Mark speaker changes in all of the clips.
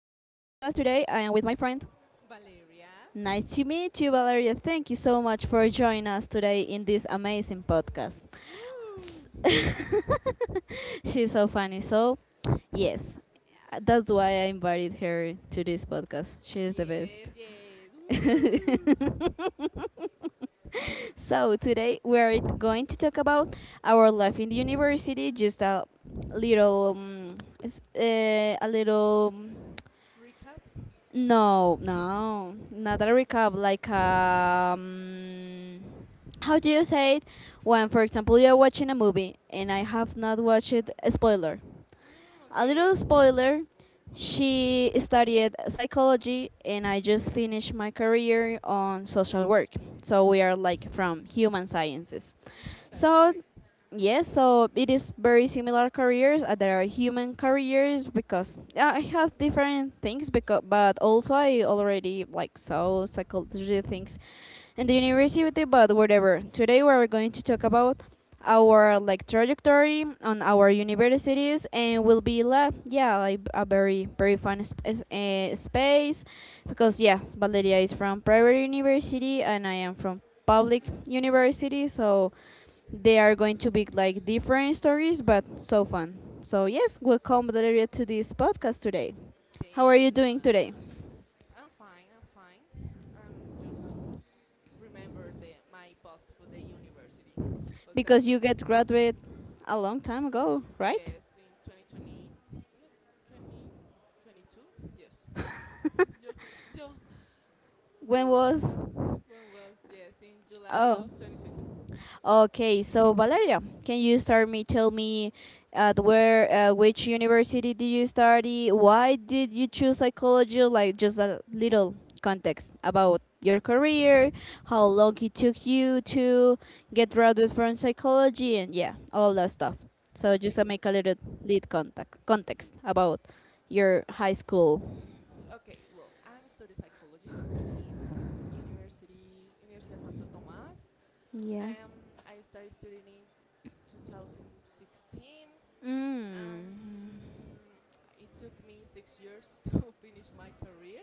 Speaker 1: today. I am with my friend.
Speaker 2: Valeria.
Speaker 1: Nice to meet you, Valeria. Thank you so much for joining us today in this amazing podcast. S-
Speaker 2: Woo.
Speaker 1: She's so funny. So, yes, that's why I invited her to this podcast. She is the best.
Speaker 2: Yes, yes. Woo.
Speaker 1: So, today we are going to talk about our life in the university, just a little um, little.
Speaker 2: Recap.
Speaker 1: No, no, not a recap. Like, how do you say it? When, for example, you're watching a movie and I have not watched it, a spoiler.
Speaker 2: Mm,
Speaker 1: A
Speaker 2: okay.
Speaker 1: little spoiler, she studied psychology and I
Speaker 2: Mhm.
Speaker 1: just finished my career on social work. So we are like from human sciences.
Speaker 2: Mhm. That's
Speaker 1: So
Speaker 2: correct.
Speaker 1: Yes, so it is very similar careers. There are human careers because it has different things. Because but also I already like saw psychology things in the university. But whatever. Today we are going to talk about our like trajectory on our universities and will be la yeah like a very fun space because yes Valeria is from private university and I am from public university so they are going to be like different stories, but so fun. So yes, welcome Valeria to this podcast today. How are
Speaker 2: Thank you
Speaker 1: you
Speaker 2: so
Speaker 1: doing today?
Speaker 2: much. I'm fine. I'm fine. I'm just remember the my post for the university because
Speaker 1: Because
Speaker 2: was
Speaker 1: you get graduated a long time ago, right?
Speaker 2: yes in 2020 2022 yes yo, yo,
Speaker 1: When was?
Speaker 2: oh, when was yes in July
Speaker 1: Oh,
Speaker 2: of 2022.
Speaker 1: okay, so Valeria, can you start me tell me at where which university did you study? Why did you choose psychology? Like just a little context about your career, how long it took you to get graduated from psychology and yeah, all that stuff. So just
Speaker 2: Okay.
Speaker 1: to make a little lead context about your high school.
Speaker 2: Okay, well, I'm a study psychologist in University Universidad Santo Tomás.
Speaker 1: Yeah.
Speaker 2: I started studying in 2016.
Speaker 1: Mm.
Speaker 2: Um, it took me 6 years to finish my career.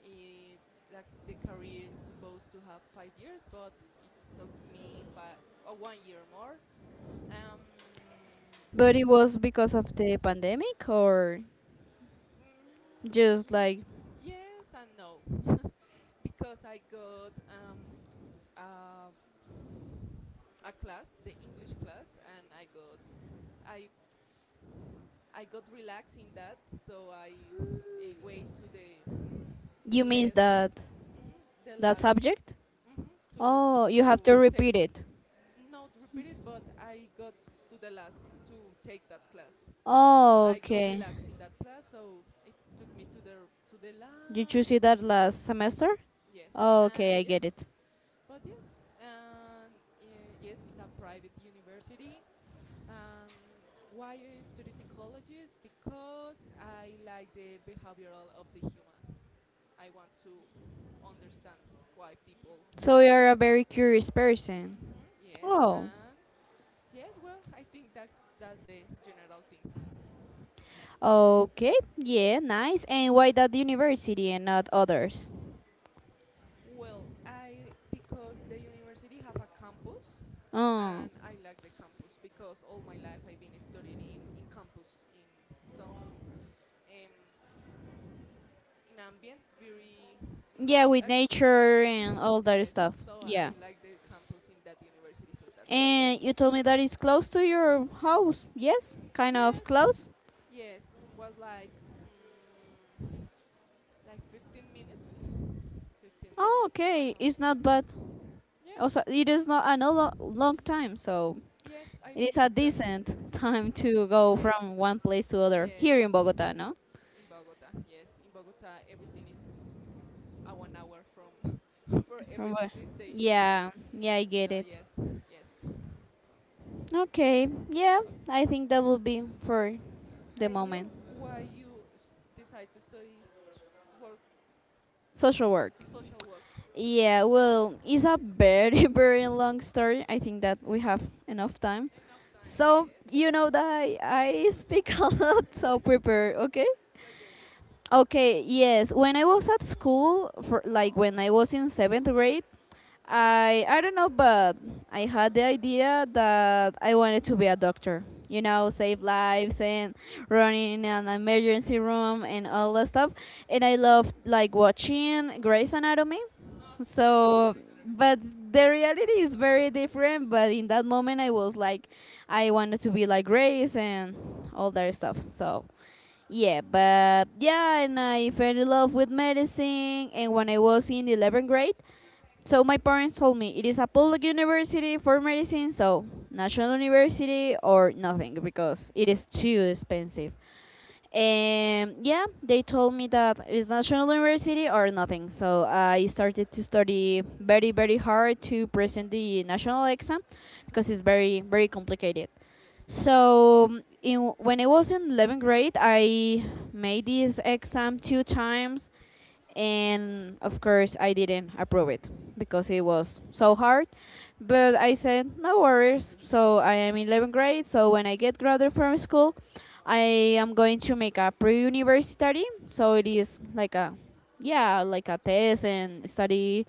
Speaker 2: It, like the career is supposed to have 5 years, but it took me one year more.
Speaker 1: But
Speaker 2: Um,
Speaker 1: it was because of the pandemic or just
Speaker 2: Mm,
Speaker 1: like
Speaker 2: yes and no, because I got uh, a class, the English class, and I I got relaxed in that, so I wait to the
Speaker 1: you
Speaker 2: the
Speaker 1: missed
Speaker 2: last,
Speaker 1: that
Speaker 2: the
Speaker 1: that
Speaker 2: last,
Speaker 1: subject?
Speaker 2: hmm
Speaker 1: Oh, you have
Speaker 2: to
Speaker 1: to
Speaker 2: take
Speaker 1: repeat
Speaker 2: it.
Speaker 1: it.
Speaker 2: Not repeat it, but I got to the last to take that class.
Speaker 1: Oh,
Speaker 2: I got
Speaker 1: okay.
Speaker 2: relaxed in that class, so it took me to the
Speaker 1: Did you see
Speaker 2: last.
Speaker 1: that last
Speaker 2: hmm
Speaker 1: semester?
Speaker 2: Yes,
Speaker 1: Oh,
Speaker 2: and
Speaker 1: okay, I
Speaker 2: yes,
Speaker 1: get it.
Speaker 2: but yes, and yes, it's a private university. Why I study psychologist? Because I like the behavioral of the human. I want to understand why people
Speaker 1: So
Speaker 2: act.
Speaker 1: you're a very curious person.
Speaker 2: hmm yes,
Speaker 1: Oh,
Speaker 2: and yes, well, I think that's the general thing.
Speaker 1: okay. Yeah, nice. And why that university and not others?
Speaker 2: Well, I because the university have a campus,
Speaker 1: Oh,
Speaker 2: and I like the campus because all my life I've been studying in campus in some um, in ambient very
Speaker 1: yeah, with nature and
Speaker 2: mhm,
Speaker 1: all that
Speaker 2: yes.
Speaker 1: stuff.
Speaker 2: So
Speaker 1: Yeah.
Speaker 2: I like the campus in that university, so that's
Speaker 1: And you told me that it's close to your house. Yes, kind of
Speaker 2: yes,
Speaker 1: close.
Speaker 2: yes, was like mm, like 15
Speaker 1: Oh,
Speaker 2: minutes to my
Speaker 1: okay.
Speaker 2: home.
Speaker 1: It's not bad.
Speaker 2: Yes,
Speaker 1: Also, it is not a no lo- long time, so
Speaker 2: yes, I
Speaker 1: it is
Speaker 2: think
Speaker 1: a
Speaker 2: the
Speaker 1: decent time
Speaker 2: mhm,
Speaker 1: to go
Speaker 2: yes,
Speaker 1: from one place to other
Speaker 2: yes
Speaker 1: here in Bogota, no?
Speaker 2: in Bogota. Yes, in Bogota, everything is a one hour from for
Speaker 1: From
Speaker 2: every
Speaker 1: where?
Speaker 2: this station. So,
Speaker 1: Yeah, yeah, I get
Speaker 2: yeah,
Speaker 1: it.
Speaker 2: yes, yes.
Speaker 1: Okay, yeah,
Speaker 2: Ok.
Speaker 1: I think that will be for the
Speaker 2: And you,
Speaker 1: moment.
Speaker 2: decide to study s- work,
Speaker 1: Social work.
Speaker 2: social work?
Speaker 1: Yeah, well, it's a very, very long story. I think that we have enough time.
Speaker 2: Enough time,
Speaker 1: So,
Speaker 2: yes.
Speaker 1: you know that I speak a lot, so prepare, okay?
Speaker 2: okay, okay,
Speaker 1: Okay, yes. When I was at school, for like when I was in seventh grade, I don't know, but I had the idea that I wanted to be a doctor. You know, save
Speaker 2: okay.
Speaker 1: lives and running an emergency room and all that stuff. And I loved like watching Grey's Anatomy.
Speaker 2: No, I love
Speaker 1: So,
Speaker 2: Grey's
Speaker 1: but
Speaker 2: Anatomy.
Speaker 1: the reality is very different. But in that moment, I was like, I wanted to be like Grace and all that stuff. So, yeah, but yeah, and I fell in love with medicine. And when I was in 11th grade, so my parents told me it is a public university for medicine, so national university or nothing because
Speaker 2: Mm-hmm.
Speaker 1: it is too expensive.
Speaker 2: Yes.
Speaker 1: And yeah, they told me that it is national university or nothing. So I started to study very hard to present the national exam because it's
Speaker 2: Mm-hmm.
Speaker 1: very complicated.
Speaker 2: Yes.
Speaker 1: So when I was in 11th grade, I made this exam two times and of course I didn't approve it because it was
Speaker 2: Oh,
Speaker 1: so hard. But I said no worries. So I am in 11th grade. So when I get graduated from school, I am going to make a pre-university. So it
Speaker 2: yes.
Speaker 1: is like a yeah like a test and study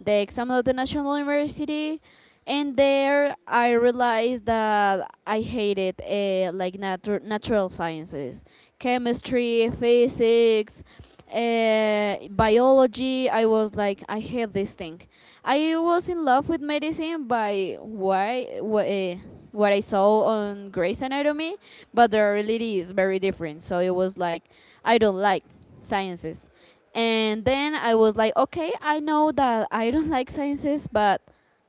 Speaker 1: the exam of the national university. And there I realized that I hated like natural sciences, chemistry, physics,
Speaker 2: Mm, okay.
Speaker 1: biology. I was like, I hate this thing. I was in love with medicine by what I saw on Grey's
Speaker 2: Grey's
Speaker 1: Anatomy,
Speaker 2: Anatomy.
Speaker 1: but the reality is very different. So it was like, I don't like sciences. And then I was like, okay, I know that I don't like sciences, but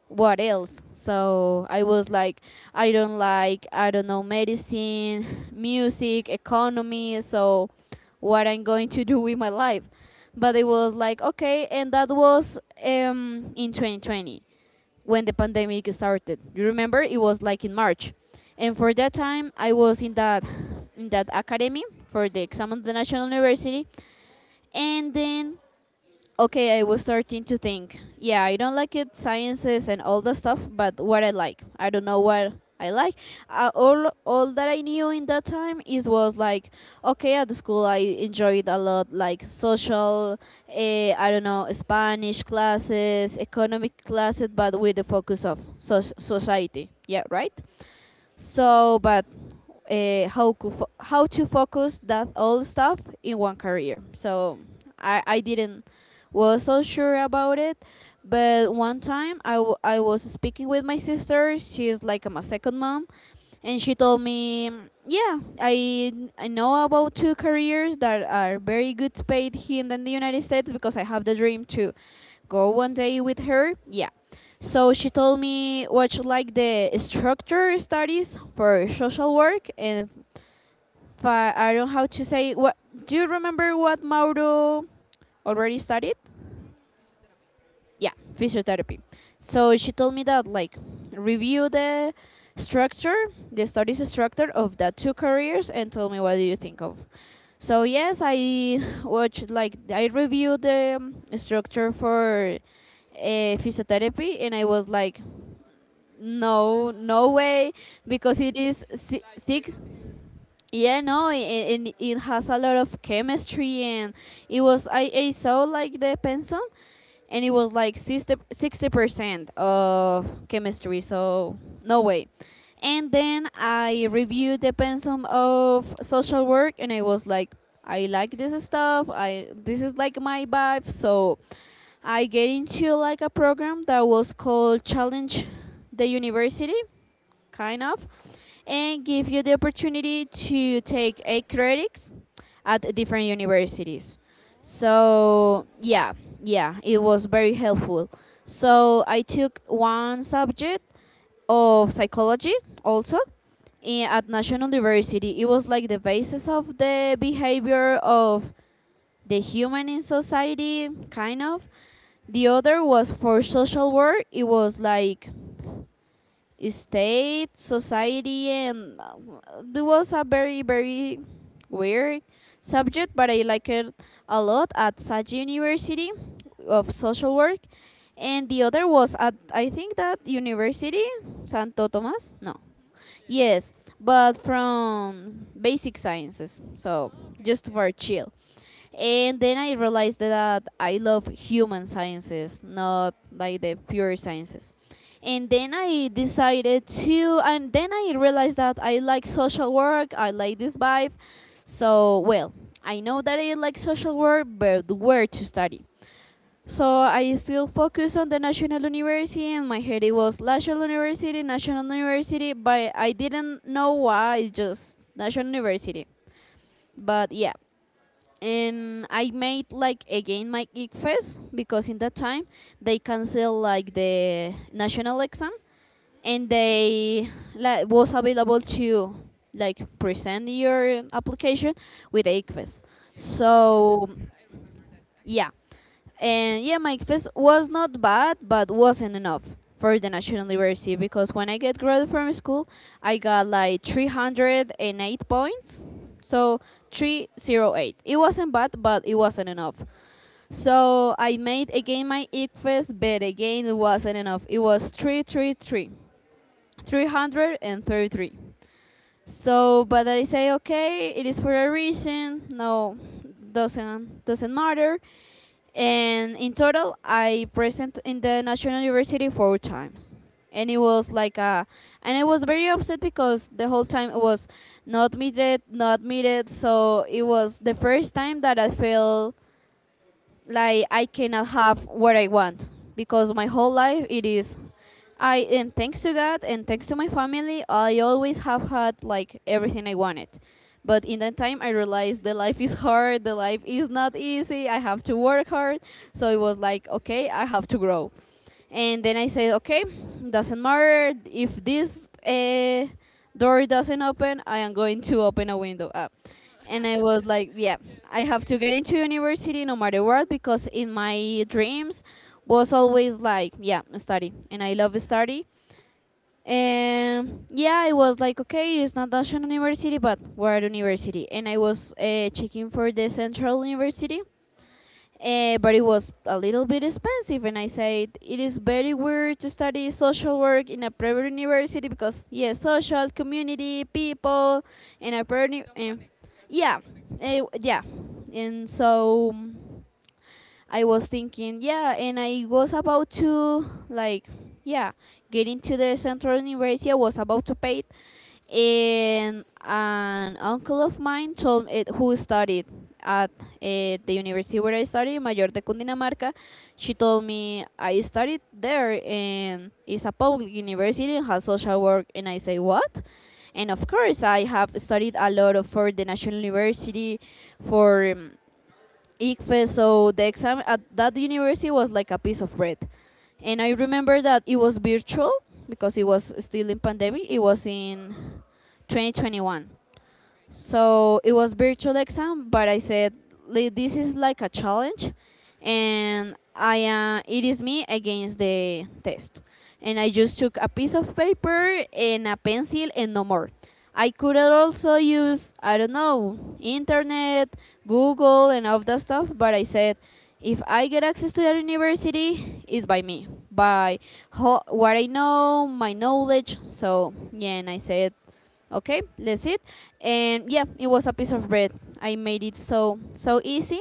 Speaker 1: what else? So I was like, I don't know, medicine, music, economy. So what I'm going to do with my life? But it was like, okay, and that was in 2020
Speaker 2: Okay.
Speaker 1: when the pandemic started. You remember it was like in March,
Speaker 2: Yes.
Speaker 1: and for that time I was in that academy for the exam of the national university, and then okay, I was starting to think. Yeah, I don't like it, sciences and all the stuff, but what I like, I don't know what I like. All that I knew in that time is was like, okay, at the school I enjoyed a lot, like social, I don't know, Spanish classes, economic classes, but with the focus of society. Yeah, right.
Speaker 2: Okay.
Speaker 1: So, but how to focus that all stuff in one career. So
Speaker 2: Okay.
Speaker 1: I didn't was so sure about it, but one time I was speaking with my sister. She's like my second mom, and she told
Speaker 2: Hmm.
Speaker 1: me, yeah, I know about two careers that are very good paid here in the United States because I have the dream to go
Speaker 2: Go
Speaker 1: one
Speaker 2: to
Speaker 1: day with her. Yeah, so she told me what she like the structure studies for social work, and I don't know how to say what. Do you remember what Mauro already studied?
Speaker 2: physiotherapy.
Speaker 1: Yeah, physiotherapy. So she told me that like review the structure, the studies structure of the two careers, and told me what do you think of. So yes, I watched like I reviewed the structure for physiotherapy, and I was like no, no way, because it is
Speaker 2: Like
Speaker 1: six.
Speaker 2: medicine.
Speaker 1: Yeah no, and it has a lot of chemistry and it was I saw like the pensum and it was like 60% of chemistry, so no way. And then I reviewed the pensum of social work and I was like, I like
Speaker 2: Okay,
Speaker 1: this stuff, I this is like my vibe. So I get into like a program that was called challenge the university
Speaker 2: okay.
Speaker 1: kind of, and give you the opportunity to take eight credits at different universities.
Speaker 2: Oh, so
Speaker 1: So
Speaker 2: interesting.
Speaker 1: yeah, yeah, it was very helpful. So I took one subject of psychology also at National University. It was like the basis of the behavior of the human in society, kind of.
Speaker 2: Okay.
Speaker 1: The other was for social work. It was like state, society, and it was a very, very weird subject, but I liked it a lot at Sage University of Social Work. And the other was at, I think, that university, Santo Tomas? No.
Speaker 2: Mhm. Yes, yes, yes.
Speaker 1: Yes, but from basic sciences, so
Speaker 2: Oh, okay.
Speaker 1: just
Speaker 2: Yes.
Speaker 1: for chill. And then I realized that I love human sciences, not
Speaker 2: Mm,
Speaker 1: like the pure sciences.
Speaker 2: yes.
Speaker 1: And then I realized that I like social work, I like this vibe. So well, I know that I like social work, but where to study? So I still focus on the national university. In my head it was national university, national university, but I didn't know why. It's just national university. But yeah, and I made like again my geek fest because in that time they cancel like the national exam, and
Speaker 2: Mm,
Speaker 1: they like was available to like present your application with ACFES.
Speaker 2: yes. I
Speaker 1: So
Speaker 2: remember. I remember that time.
Speaker 1: yeah, and yeah, my ACFES was not bad, but wasn't enough
Speaker 2: Mm,
Speaker 1: for the national university because when I get graduated from school, I got like 308 points. So
Speaker 2: mm,
Speaker 1: 308. It wasn't bad, but it wasn't enough.
Speaker 2: enough.
Speaker 1: So I made again my ICFES, but again it wasn't enough. It was 333.
Speaker 2: Mm.
Speaker 1: 333. So, but I say okay, it is for a reason. No, doesn't matter. And in total, I present in the National University four times, and it was like a, and I was very upset because the whole time it was not admitted, not admitted. So it was the first time that I felt like I cannot
Speaker 2: Frustrated.
Speaker 1: have what I want because my whole life it is I and thanks to God and thanks to my family I always have had like everything I wanted. But
Speaker 2: Okay.
Speaker 1: in that time I realized the life is hard, the life is not easy, I have to work hard. So it was like okay, I have to grow. And then I said, okay, doesn't matter if this door doesn't open, I am going to open a window up
Speaker 2: No.
Speaker 1: and I was like, yeah,
Speaker 2: yes.
Speaker 1: I have to
Speaker 2: Okay.
Speaker 1: get into university no matter what because in my dreams was always like, yeah, study, and I love study. And yeah, I was like, okay, it's not National University, but we're at university, and I was checking for the Central University,
Speaker 2: Uh huh.
Speaker 1: but it was a little bit expensive, and I said it is very weird to study social work in a private university because yeah, social community people in a private
Speaker 2: Don't connect. That don't
Speaker 1: yeah,
Speaker 2: connect.
Speaker 1: uh, yeah, and so mm, I was thinking yeah, and I was about to like yeah get into the central university. I was about to pay it, and an uncle of mine told it, who studied at the university where I studied, Mayor de Cundinamarca. She told me I studied there and it's a public university and has social work. And I say, what? And of course, I have studied a lot of for the National University, for ICFES, so the exam at that university was like a piece of bread. And I
Speaker 2: Mm,
Speaker 1: remember that it was virtual because it was still in pandemic. It was in 2021.
Speaker 2: okay.
Speaker 1: So it was virtual exam, but I said, " this is like a challenge, and I it is me against the test. And I just took a piece of paper and a pencil and no more. I could have also use I don't know internet, Google, and all that stuff, but I said if I get access to that university, it's by me, by what I know, my knowledge. So yeah, and I said okay that's it, and yeah it was a piece of bread. I made it so so easy,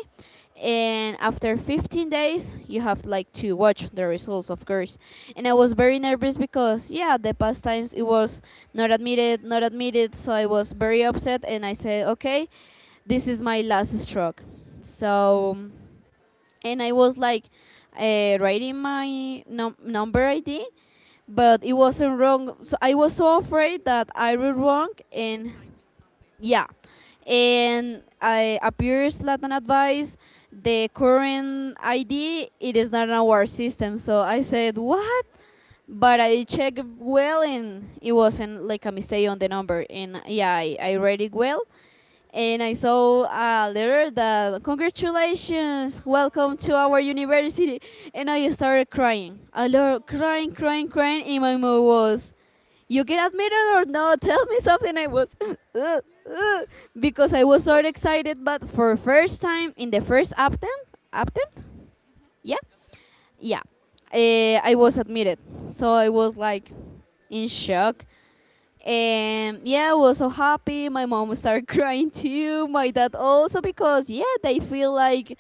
Speaker 1: and after 15 days you have like to watch the results of course. And I was very nervous because yeah the past times it was not admitted, not admitted, so I was very upset and I said okay this is my last stroke. So and I was like writing my number ID, but it wasn't wrong. So I was so afraid that I wrote wrong,
Speaker 2: You might
Speaker 1: and
Speaker 2: type in something.
Speaker 1: yeah, and I appears Latin advice. The current ID it is not in our system, so I said what?
Speaker 2: What? Oh,
Speaker 1: But I checked
Speaker 2: oh.
Speaker 1: well, and it wasn't like a mistake on the number, and yeah, I read it well, and I saw a letter that congratulations, welcome to our university, and I started crying. I lot, crying, crying, crying, and my mom was, "You get admitted or no? Tell me something." I was, "Ugh,
Speaker 2: Yeah.
Speaker 1: ugh," because I was so
Speaker 2: Aww.
Speaker 1: excited, but for first time in the first attempt, attempt,
Speaker 2: Mhm.
Speaker 1: yeah,
Speaker 2: Up them. Mhm.
Speaker 1: yeah, I was admitted. So I was like in shock, and yeah, I was so happy. My mom started crying too. My dad
Speaker 2: Mm.
Speaker 1: also because yeah, they feel like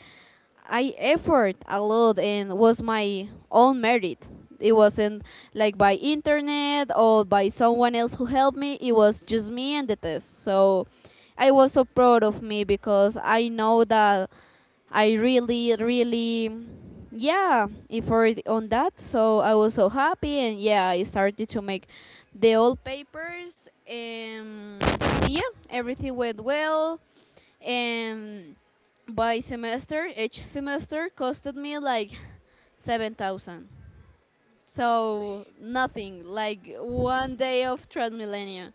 Speaker 1: I effort a lot and was my own merit. It wasn't like by internet or by someone else who helped me. It was just me and the test. So
Speaker 2: Hmm.
Speaker 1: I was so proud of me because I know that I really, really, yeah, effort on that. So I was so happy, and yeah, I started to make the old papers, and yeah, everything went well. And by semester, each semester costed me like 7,000. So
Speaker 2: Really?
Speaker 1: nothing, like one day of Transmillennium,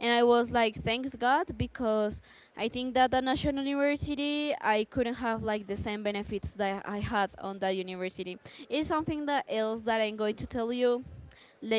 Speaker 1: and I was like, thanks God, because I think that at national university I couldn't have like the same benefits that I had on that university. It's something that else that I'm going to tell you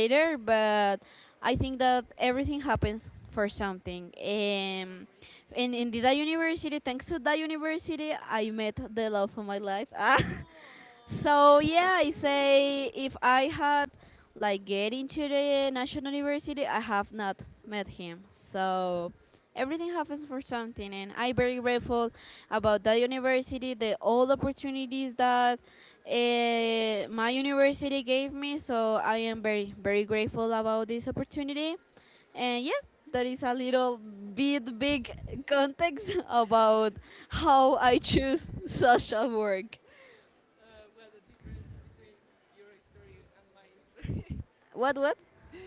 Speaker 2: Yes.
Speaker 1: but I think that everything happens for something.
Speaker 2: For some, for some reason, yes.
Speaker 1: And in
Speaker 2: That's.
Speaker 1: the, that university, thanks to that university, I met the love of my life.
Speaker 2: Oh,
Speaker 1: So
Speaker 2: so
Speaker 1: yeah, I say
Speaker 2: cute.
Speaker 1: if I had like get into the national university I have not met him,
Speaker 2: Yes.
Speaker 1: so everything happens for something and I'm very grateful about that university, the all opportunities that my university gave me, so I am very very grateful about this opportunity. And yeah, that is a little bit big context about how I choose social work.
Speaker 2: What the difference between your story and my story.
Speaker 1: What what?
Speaker 2: Yeah,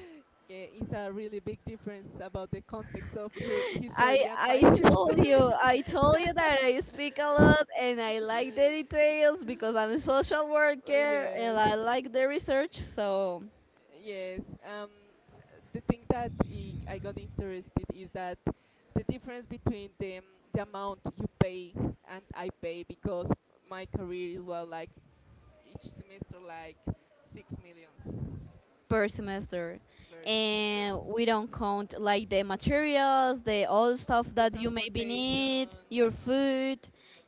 Speaker 2: it's a really big difference about the context of your history and my history.
Speaker 1: I told you that I speak a lot and I like the details because I'm a social worker and
Speaker 2: Yes.
Speaker 1: I like the research. So
Speaker 2: Yes. The thing that I got interested is that the difference between the amount you pay and I pay because my career was like each semester like six millions
Speaker 1: per semester,
Speaker 2: per semester.
Speaker 1: and we don't count like the materials, the all stuff
Speaker 2: The
Speaker 1: that you maybe
Speaker 2: transportation.
Speaker 1: need,
Speaker 2: Uh
Speaker 1: your
Speaker 2: huh.
Speaker 1: food.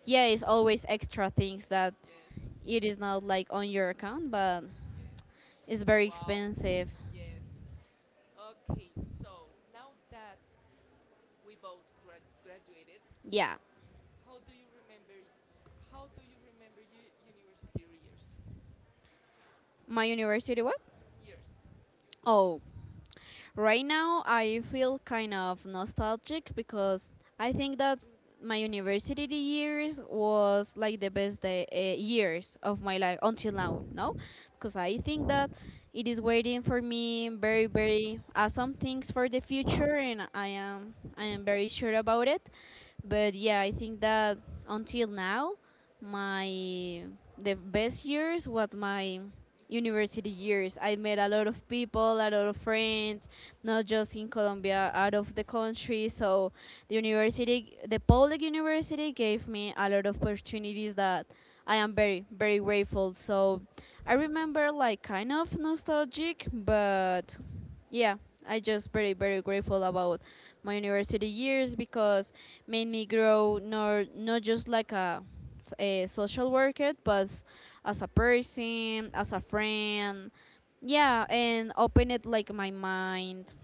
Speaker 1: Yeah, it's
Speaker 2: hmm
Speaker 1: always extra things that
Speaker 2: Yes.
Speaker 1: it is not like on your account, but
Speaker 2: Yes.
Speaker 1: it's very
Speaker 2: Wow.
Speaker 1: expensive.
Speaker 2: Yes. Okay. So now that we both graduated,
Speaker 1: Yeah,
Speaker 2: how do you remember? How do you remember your university years?
Speaker 1: my university what?
Speaker 2: Years.
Speaker 1: Oh, right now, I feel kind of nostalgic because I think that my university years was like the best day, years of my life until now, no? Because I think that it is waiting for me very, very awesome things for the future, and I am I
Speaker 2: hmm
Speaker 1: am very sure about it. But yeah, I think that until now, my the best years was my university years. I met a lot of people, a lot of friends, not just in Colombia, out of the country. So the university, the public university, gave me a lot of opportunities that I am very, very grateful. So I remember like kind of nostalgic, but yeah, I just very, very grateful about my university years because made me grow not just like a, a social worker, but as a person, as a friend. Yeah, and opened like my mind.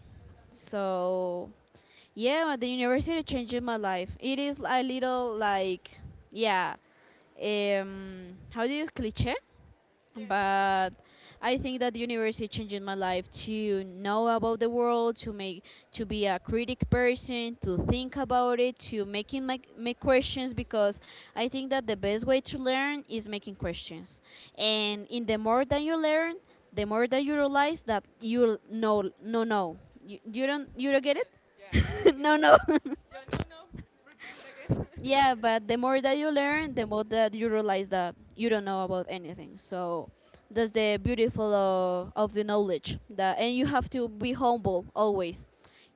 Speaker 1: So, yeah, the university changed my life. It is a little like, yeah, how do you use cliche?
Speaker 2: Yes.
Speaker 1: But I think that the university changed my life to know about the world, to make to be a critic person, to think about it, to making make, make questions because I think that the best way to learn is making questions,
Speaker 2: Okay.
Speaker 1: and in the more that you learn, the more that you realize that you know no no no. You don't you don't get
Speaker 2: Yes. Yeah, I get it.
Speaker 1: it no no.
Speaker 2: Yeah. No. No. Repeat it again.
Speaker 1: Yeah, but the
Speaker 2: mm.
Speaker 1: more that you learn, the more that you realize that you don't know about anything. So that's the beautiful of the knowledge that and you have to be humble always.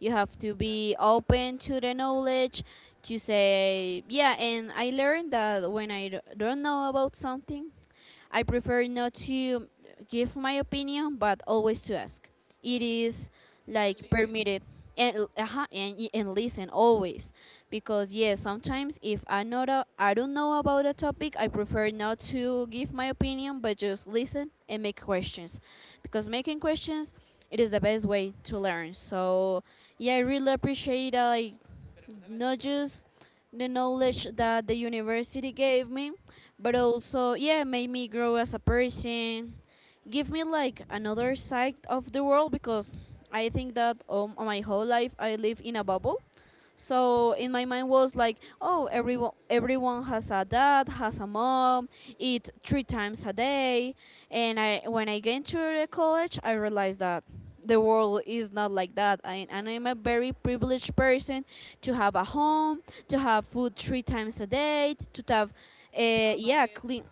Speaker 1: You have to
Speaker 2: That's
Speaker 1: be
Speaker 2: really
Speaker 1: open
Speaker 2: important.
Speaker 1: to the knowledge to say, yeah, and I learned that when I don't know about something, I prefer not to give my opinion, but always to ask. It is
Speaker 2: And
Speaker 1: like
Speaker 2: listen.
Speaker 1: permitted and and listen always, because yes, sometimes if I not a, I don't know about a topic, I prefer not to give my opinion, but just listen and make questions, because
Speaker 2: Mm-hmm.
Speaker 1: making questions it is the best way to learn. So yeah, I really appreciate not just the knowledge that the university gave me, but also, yeah, made me grow as a person, give me like another side of the world because I think that my whole life I live in a bubble.
Speaker 2: Mm.
Speaker 1: So in my mind was like, oh, everyone has a dad, has a mom, eat three times a day. And I when I came to the college, I realized that the
Speaker 2: Mm-mm.
Speaker 1: world is not like that
Speaker 2: It's
Speaker 1: I,
Speaker 2: not
Speaker 1: and
Speaker 2: like
Speaker 1: I'm a
Speaker 2: that.
Speaker 1: very privileged person to have a home, to have food three times a day, to have
Speaker 2: Just have a
Speaker 1: yeah
Speaker 2: bit.
Speaker 1: clean,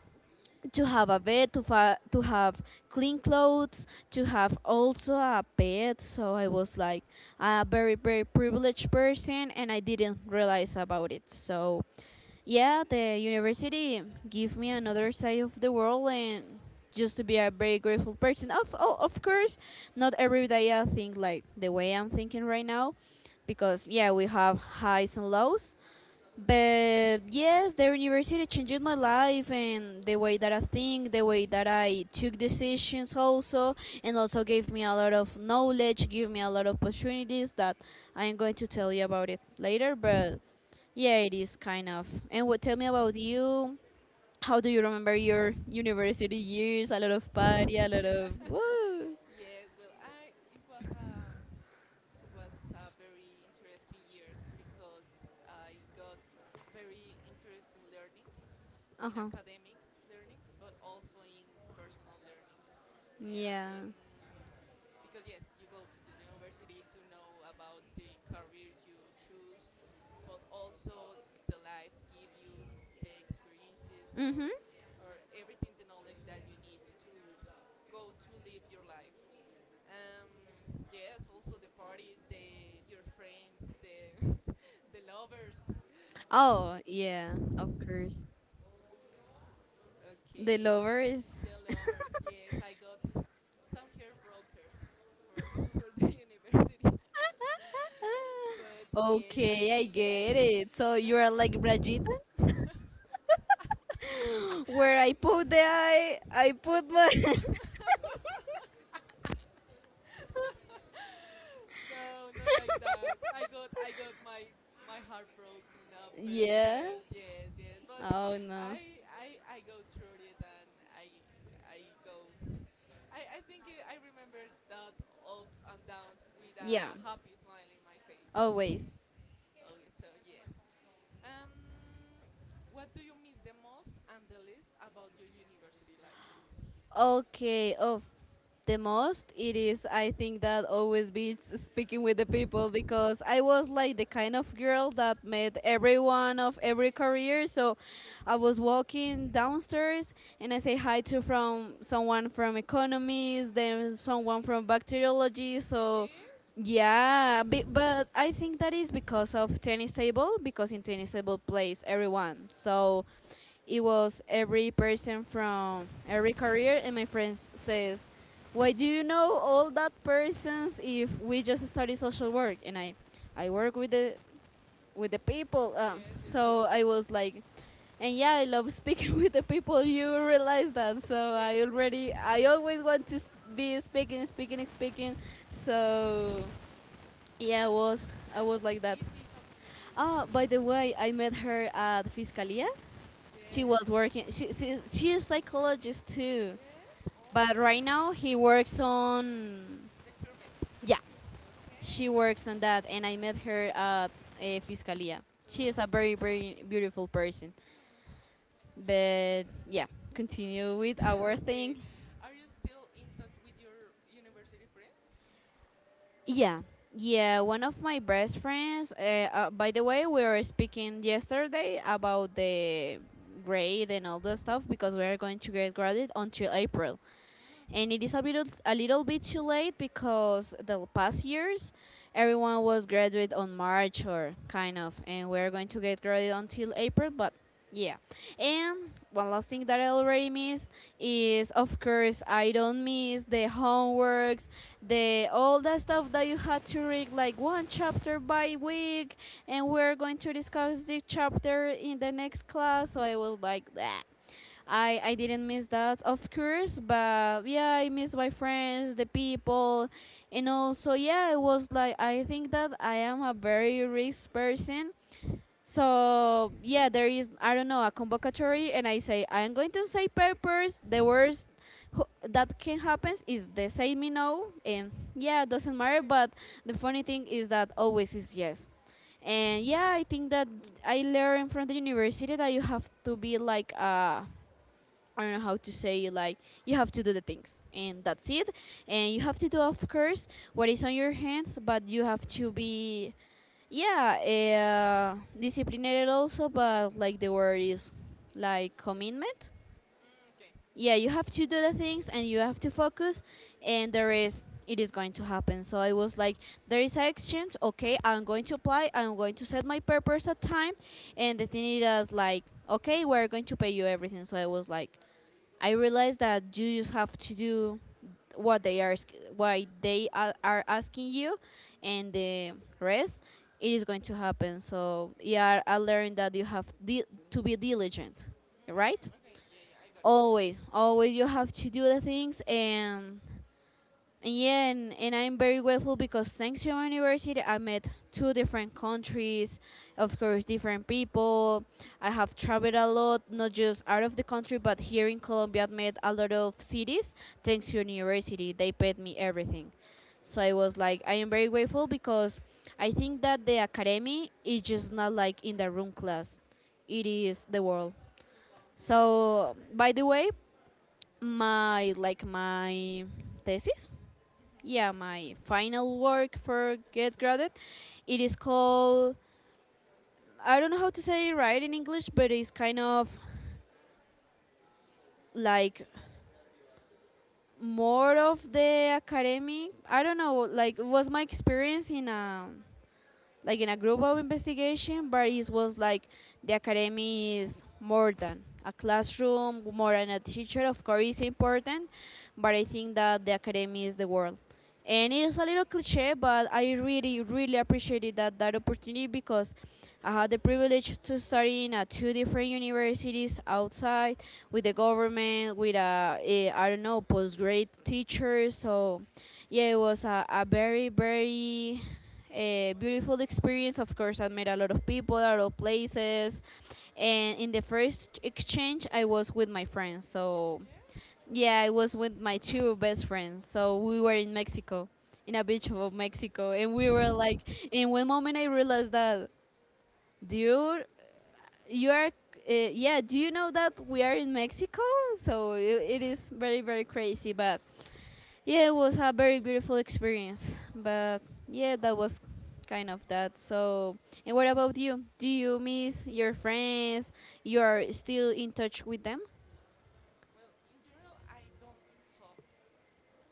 Speaker 1: to have a bed to, to have clean clothes, to have also a pet. So I was like a very very privileged person and I didn't realize about it. So yeah, the university gave me another side of the world and just to be a very grateful person. Of oh, of course, not every day I think like the way I'm thinking right now because yeah, we have highs and lows. But yes, the university changed my life and the way that I think, the way that I took decisions also, and also gave me a lot of knowledge, gave me a lot of opportunities that I'm going to tell you about it later, but yeah,
Speaker 2: Okay.
Speaker 1: it is kind of. And what tell me about you? How do you remember
Speaker 2: Mm.
Speaker 1: your university years? A lot of party, a lot of woo.
Speaker 2: Yes. Well, I. It was a very interesting years because I got very interesting learnings
Speaker 1: Uh
Speaker 2: in
Speaker 1: huh.
Speaker 2: academics learnings, but also in personal learnings. Yeah,
Speaker 1: Yeah.
Speaker 2: because yes, you go to the university to know about the career you choose, but also the life give you the experiences
Speaker 1: Mhm.
Speaker 2: or everything the knowledge that you need to go to live your life. Yes, also the parties, the your friends, the the lovers.
Speaker 1: Oh yeah, of course. The
Speaker 2: Okay,
Speaker 1: lovers.
Speaker 2: the lovers. Yes, I got some hair brokers for, for the university. But yes, I
Speaker 1: Okay, I
Speaker 2: think
Speaker 1: get
Speaker 2: yes.
Speaker 1: it. So you are like
Speaker 2: No,
Speaker 1: Brajita, where I put
Speaker 2: no.
Speaker 1: the eye, I
Speaker 2: I
Speaker 1: put my.
Speaker 2: put the. No, not like that. I got my heart broken a pair of
Speaker 1: Yeah.
Speaker 2: tail. Yes, yes. But
Speaker 1: Oh no.
Speaker 2: I go through it and I go. I think it, I remember that ups and downs with
Speaker 1: Yeah.
Speaker 2: a happy smile in my face. So
Speaker 1: Always.
Speaker 2: always so yes. Um, what do you miss the most and the least about your university life?
Speaker 1: Okay, of the most,
Speaker 2: Yeah.
Speaker 1: it is, I think, that always beats speaking with the people because I was like the kind of girl that met everyone of every career. So
Speaker 2: Okay.
Speaker 1: I was walking downstairs and I say hi to from someone from economics, then someone from bacteriology. So
Speaker 2: Really?
Speaker 1: yeah, be, but I think that is because of tennis table because in tennis table plays everyone. So it was every person from every career and my friends says, "Why do you know all that persons if we just study social work?" And I work with the people.
Speaker 2: Yes, yes, oh,
Speaker 1: So I was like, and yeah, I love speaking with the people. You realize that. So I
Speaker 2: yes.
Speaker 1: already I always want to be speaking, speaking, speaking. So yeah, I
Speaker 2: And
Speaker 1: was. I was like
Speaker 2: it's
Speaker 1: that.
Speaker 2: easy talk with you.
Speaker 1: Oh, by the way, I met her at Fiscalia. She was
Speaker 2: Yes,
Speaker 1: working. She is psychologist too,
Speaker 2: yes.
Speaker 1: but right
Speaker 2: Oh,
Speaker 1: now he works on.
Speaker 2: procurement.
Speaker 1: Yeah, she
Speaker 2: Okay.
Speaker 1: works on that, and I met her at Fiscalia. She is
Speaker 2: Oh.
Speaker 1: a very very beautiful person.
Speaker 2: Mm.
Speaker 1: But yeah, continue with our thing.
Speaker 2: Okay. Are you still in touch with your university friends?
Speaker 1: Yeah, yeah. One of my best friends. By the way, we were speaking yesterday about the grade and all the stuff because we are going to get graded until April,
Speaker 2: Mm.
Speaker 1: and it is a bit a little bit too late because the past years everyone was graduate on March or kind of, and we're going to get graduated until April, but yeah. And one last thing that I already missed is, of course, I don't miss the homeworks, the all the stuff that you had to read, like one chapter by week, and we're going to discuss the chapter in the next class. So I was like, that I didn't miss that, of course, but yeah, I miss my friends, the people, and also, yeah, it was like I think that I am a very risk person. So, yeah, there is, I don't know, a convocatory, and I say, I'm going to say papers. The worst that can happen is they say me no, and yeah, it doesn't
Speaker 2: It's
Speaker 1: matter,
Speaker 2: okay.
Speaker 1: but the funny thing is that always is yes. And yeah, I think that I learned from the university that you have to be like, I don't know how to say, like, you have to do the things and that's it, and you have to do, of course, what is on your hands, but you have to be, yeah, disciplined also, but like the word is like commitment.
Speaker 2: Mm, okay.
Speaker 1: Yeah, you have to do the things and you have to focus, and there is it is going to happen. So I was like, there is an exchange, okay, I'm going to apply, I'm going to set my purpose at time, and the thing is like, okay, we're going to pay you everything. So I was like, I realized that you just have to do what they are why they are asking you, and the rest it is going to happen. So yeah, I learned that you have to be diligent, right?
Speaker 2: Mm, okay. Yeah, yeah, I got it.
Speaker 1: Always, always you have to do the things, and yeah, and I'm very grateful because thanks to my university, I met two different countries, of course, different people. I have traveled a lot, not just out of the country, but here in Colombia, I met a lot of cities thanks to university. They paid me everything. So I was like, I am very grateful because I think that the academy is just not like in the room class, it is the world.
Speaker 2: The world life.
Speaker 1: So, by the way, my like my thesis,
Speaker 2: Mm-hmm.
Speaker 1: yeah, my
Speaker 2: Entonces.
Speaker 1: final work for get graded, it is called, I don't know how to say it right in English, but it's kind of like more of the academic, I don't know, like it was my experience in a like in a group of investigation, but
Speaker 2: Mm.
Speaker 1: it was like the academy is more than a
Speaker 2: Ok.
Speaker 1: classroom, more than a teacher, of course is important, but I think that the academy is the world, and it is a little cliche, but I really really appreciated that opportunity because I had the privilege to study in two different universities outside with the government with a I don't know postgrad teachers. So yeah, it was a very very a beautiful experience. Of course I met a lot of people, a lot of places, and in the first exchange I was with my friends. So
Speaker 2: Yes?
Speaker 1: yeah, I was with my two best friends. So we were in Mexico, in a beach of Mexico, and we were like,
Speaker 2: Uh,
Speaker 1: in one moment I realized that, dude, you are, yeah, do you know that we are in Mexico? So it is very, very crazy. But yeah, it was a very beautiful experience. But yeah, that was kind of that. So, and what about you? Do you miss your friends? You are still in touch with them?
Speaker 2: Well, in general, I don't talk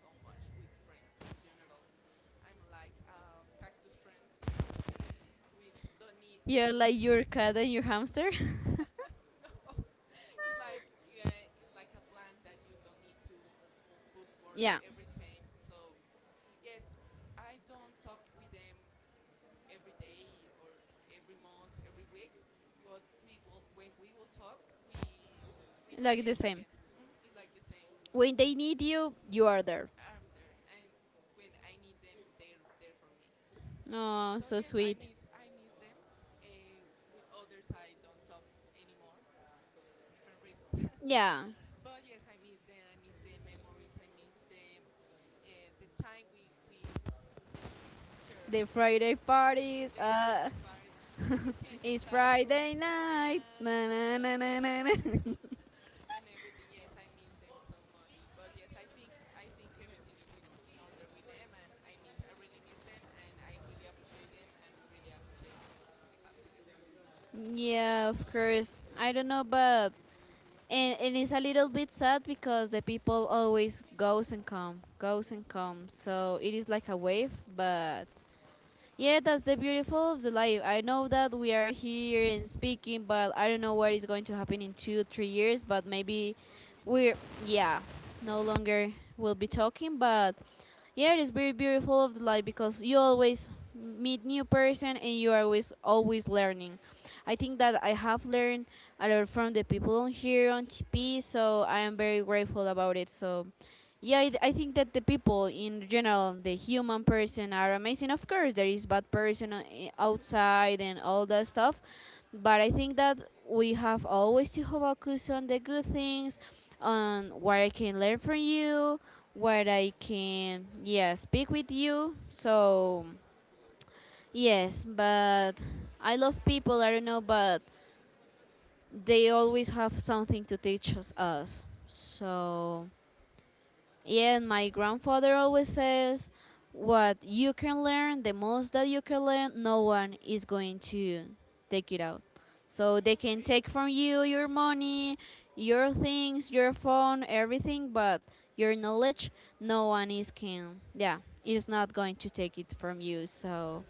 Speaker 2: so much with friends. In general, I'm like a cactus friend. We don't need
Speaker 1: You're
Speaker 2: to.
Speaker 1: like your cat and your hamster?
Speaker 2: No, it's like yeah, it's like a plant that you don't need to put
Speaker 1: Yeah.
Speaker 2: water every time. So yes, I don't talk with them every day or every month, every week. But we will when we will talk, we
Speaker 1: Like the
Speaker 2: reconnect
Speaker 1: same.
Speaker 2: again. It's like the same.
Speaker 1: When they need you, you are there.
Speaker 2: I'm there, and when I need them, they're there for me.
Speaker 1: Oh,
Speaker 2: So
Speaker 1: so
Speaker 2: yes,
Speaker 1: sweet.
Speaker 2: I miss them. With others, I don't talk anymore because different reasons.
Speaker 1: Yeah.
Speaker 2: But yes, I miss them. I miss the memories. I miss the time we share
Speaker 1: The Friday parties.
Speaker 2: the Friday parties and everything, the
Speaker 1: It's
Speaker 2: classroom,
Speaker 1: Friday
Speaker 2: the
Speaker 1: night.
Speaker 2: night,
Speaker 1: Na
Speaker 2: da
Speaker 1: na
Speaker 2: da
Speaker 1: na
Speaker 2: da da
Speaker 1: na
Speaker 2: da,
Speaker 1: na.
Speaker 2: da.
Speaker 1: Na.
Speaker 2: And everything. Yes, I miss them so much. But yes, I think everything is in order with them, and I really miss them, and I really appreciate them, and really appreciate the memories we have together.
Speaker 1: Yeah, of course. I don't know, but and it's a little bit sad because the people always goes and come, goes and
Speaker 2: hmm
Speaker 1: come. So it is like a wave, but yeah, that's the beautiful of the life. I know that we are here and speaking, but I don't know what is going to happen in two, 3 years. But maybe
Speaker 2: Or maybe
Speaker 1: we're,
Speaker 2: tomorrow.
Speaker 1: yeah, no longer will be talking. But yeah, it is very beautiful of the life because you always meet new person and you are always always learning. I think that I have learned a lot from the people on here on TP, so I am very grateful about it. So yeah, I think that the people in general, the human person, are amazing. Of course, there is bad person outside and all that stuff, but I think that we have always to focus on the good things, on what I can learn from you, what I can, yeah, speak with you. So yes, but I love people. I don't know, but they always have something to teach us. So yeah, and my grandfather always says, "What you can learn, the most that you can learn, no one is going to take it out. So they
Speaker 2: Mm,
Speaker 1: can
Speaker 2: okay.
Speaker 1: take from you your money, your things, your phone, everything, but your
Speaker 2: Another
Speaker 1: knowledge,
Speaker 2: thing.
Speaker 1: no one is can. Yeah, is not going to take it from you." So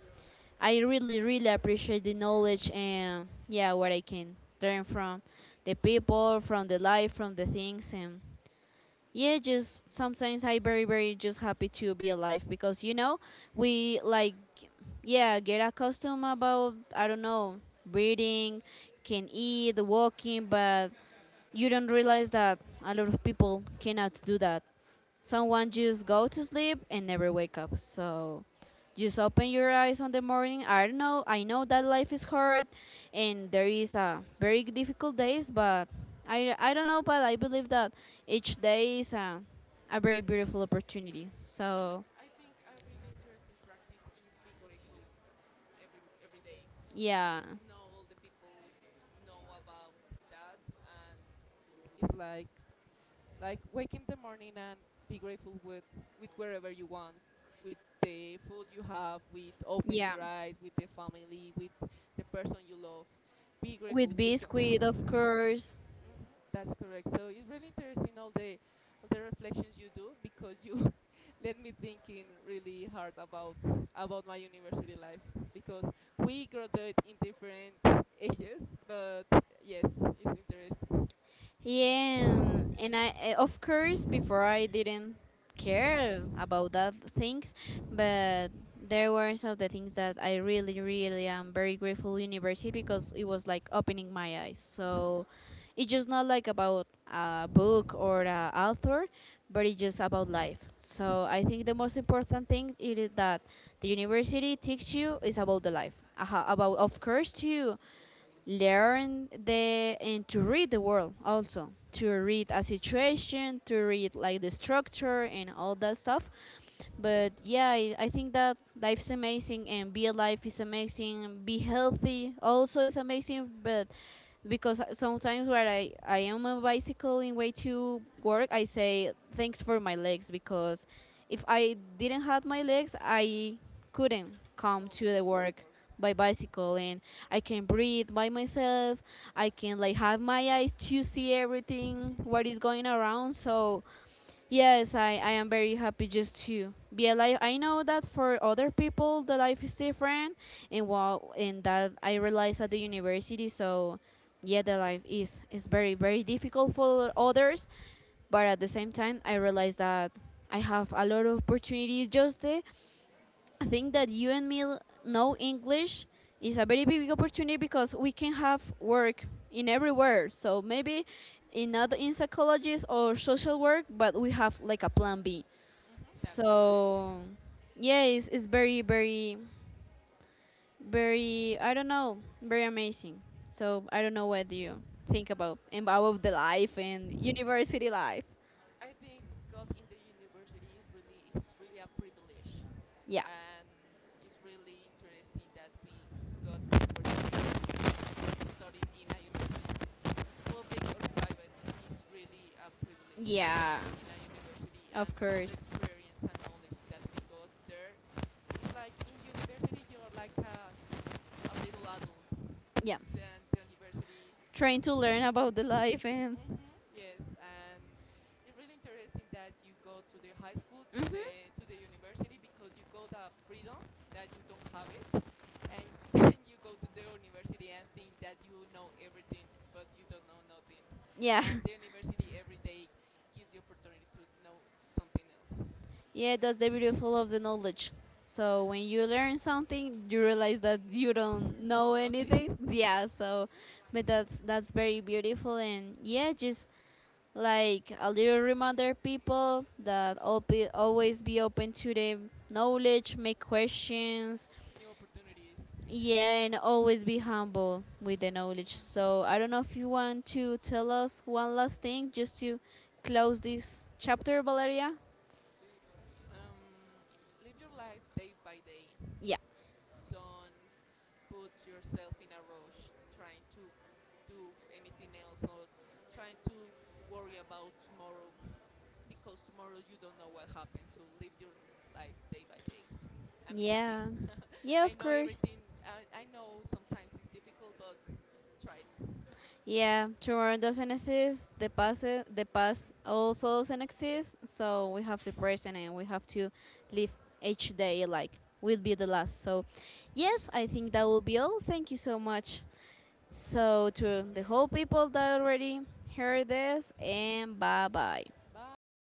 Speaker 1: I really, really appreciate the knowledge, and yeah, what I can learn from the people, from the life, from the things, and yeah, just sometimes I very very just happy to be alive because you know we like, yeah, get accustomed about, I don't know, breathing, can eat, walking, but you don't realize that a lot of people cannot do that. Someone just go to sleep and never wake up. So just open your eyes on the morning. I don't know. I know that life is hard, and there is a very difficult days, but I don't know, but I believe that each day is a very beautiful opportunity.
Speaker 2: And
Speaker 1: So
Speaker 2: I think a really interesting practice is be grateful every day,
Speaker 1: yeah,
Speaker 2: and know all the people know about that, and it's like wake in the morning and be grateful with wherever you want, with the food you have, with open
Speaker 1: yeah.
Speaker 2: your eyes, with the family, with the person you love. Be
Speaker 1: With
Speaker 2: grateful because
Speaker 1: biscuit, of course.
Speaker 2: hmm that's correct. So it's really interesting all the reflections you do because you let me thinking really hard about my university life because we graduate in different ages, but yes, it's interesting.
Speaker 1: Yeah, and I, of course, before I didn't care about that things, but there were some of the things that I really, really am very grateful university because it was like opening my eyes.
Speaker 2: hmm
Speaker 1: So it's just not like about a book or a author, but it's just about life.
Speaker 2: hmm
Speaker 1: So I think the most important thing it is that the university teaches you is about the life, aha, about, of course, too learn the and to read the world, also to read a situation, to read like the structure and all that stuff. But yeah, I think that life's amazing, and be alive is amazing, and be healthy also is amazing, but because sometimes when I am on bicycle in way to work I say thanks for my legs because if I didn't have my legs I couldn't come
Speaker 2: Totally
Speaker 1: to the
Speaker 2: go to the
Speaker 1: work
Speaker 2: work.
Speaker 1: by bicycle, and I can breathe by myself, I can like have my eyes to see
Speaker 2: hmm
Speaker 1: everything
Speaker 2: hmm
Speaker 1: what is going around. So yes, I am very happy just to be alive. I know that for other people the life is different, and well, and that I realized at the university. So yeah, the life is very very difficult for others, but at the same time I realize that I have a lot of opportunities. Just the I think that you and me know English is a very big opportunity because we can have work in everywhere. So maybe in not in psychology or social work, but we have like a plan b.
Speaker 2: That's correct.
Speaker 1: So yeah, it's very very very, I don't know, very amazing. So I don't know what do you think about the life and university life.
Speaker 2: I think God in the university is really a privilege,
Speaker 1: Yeah,
Speaker 2: and it's really interesting that we got the opportunity to study in a university, public or private, is really a privilege to
Speaker 1: yeah,
Speaker 2: be in a university,
Speaker 1: of
Speaker 2: and all the
Speaker 1: course.
Speaker 2: experience and knowledge that we got there is like in university you are like a little adult
Speaker 1: Yeah,
Speaker 2: and the university
Speaker 1: trying
Speaker 2: is
Speaker 1: to learn about the life, and
Speaker 2: yes and it's really interesting that you go to the high school to
Speaker 1: hmm
Speaker 2: the university because you got a freedom that you don't have it and then you go to the university and think that you know everything but you don't know nothing
Speaker 1: yeah,
Speaker 2: and the university every day gives you opportunity to know something else.
Speaker 1: yeah. That's the beautiful of the knowledge. So when you learn something, you realize that you don't
Speaker 2: Know
Speaker 1: know
Speaker 2: nothing.
Speaker 1: anything. Yeah. So, but that's very beautiful, and yeah, just like a little reminder people that all be, always be open to the knowledge, make questions,
Speaker 2: New opportunities.
Speaker 1: yeah, and always be humble with the knowledge.
Speaker 2: Mm.
Speaker 1: So I don't know if you want to tell us one last thing just to close this chapter, Valeria.
Speaker 2: um, Live your life day by day.
Speaker 1: Yeah.
Speaker 2: Don't put yourself in a rush trying to do anything else or trying to worry about tomorrow because tomorrow you don't know what happens. So live your life day by day and be happy.
Speaker 1: Yeah, yeah,
Speaker 2: I
Speaker 1: of
Speaker 2: know
Speaker 1: course.
Speaker 2: everything, I know sometimes it's difficult, but try it.
Speaker 1: Yeah, tomorrow doesn't exist. The past also doesn't exist. So we have the present, and we have to live each day like will be the last. So yes, I think that will be all. Thank you so much. So to the whole people that already heard this, and bye bye.
Speaker 2: Bye.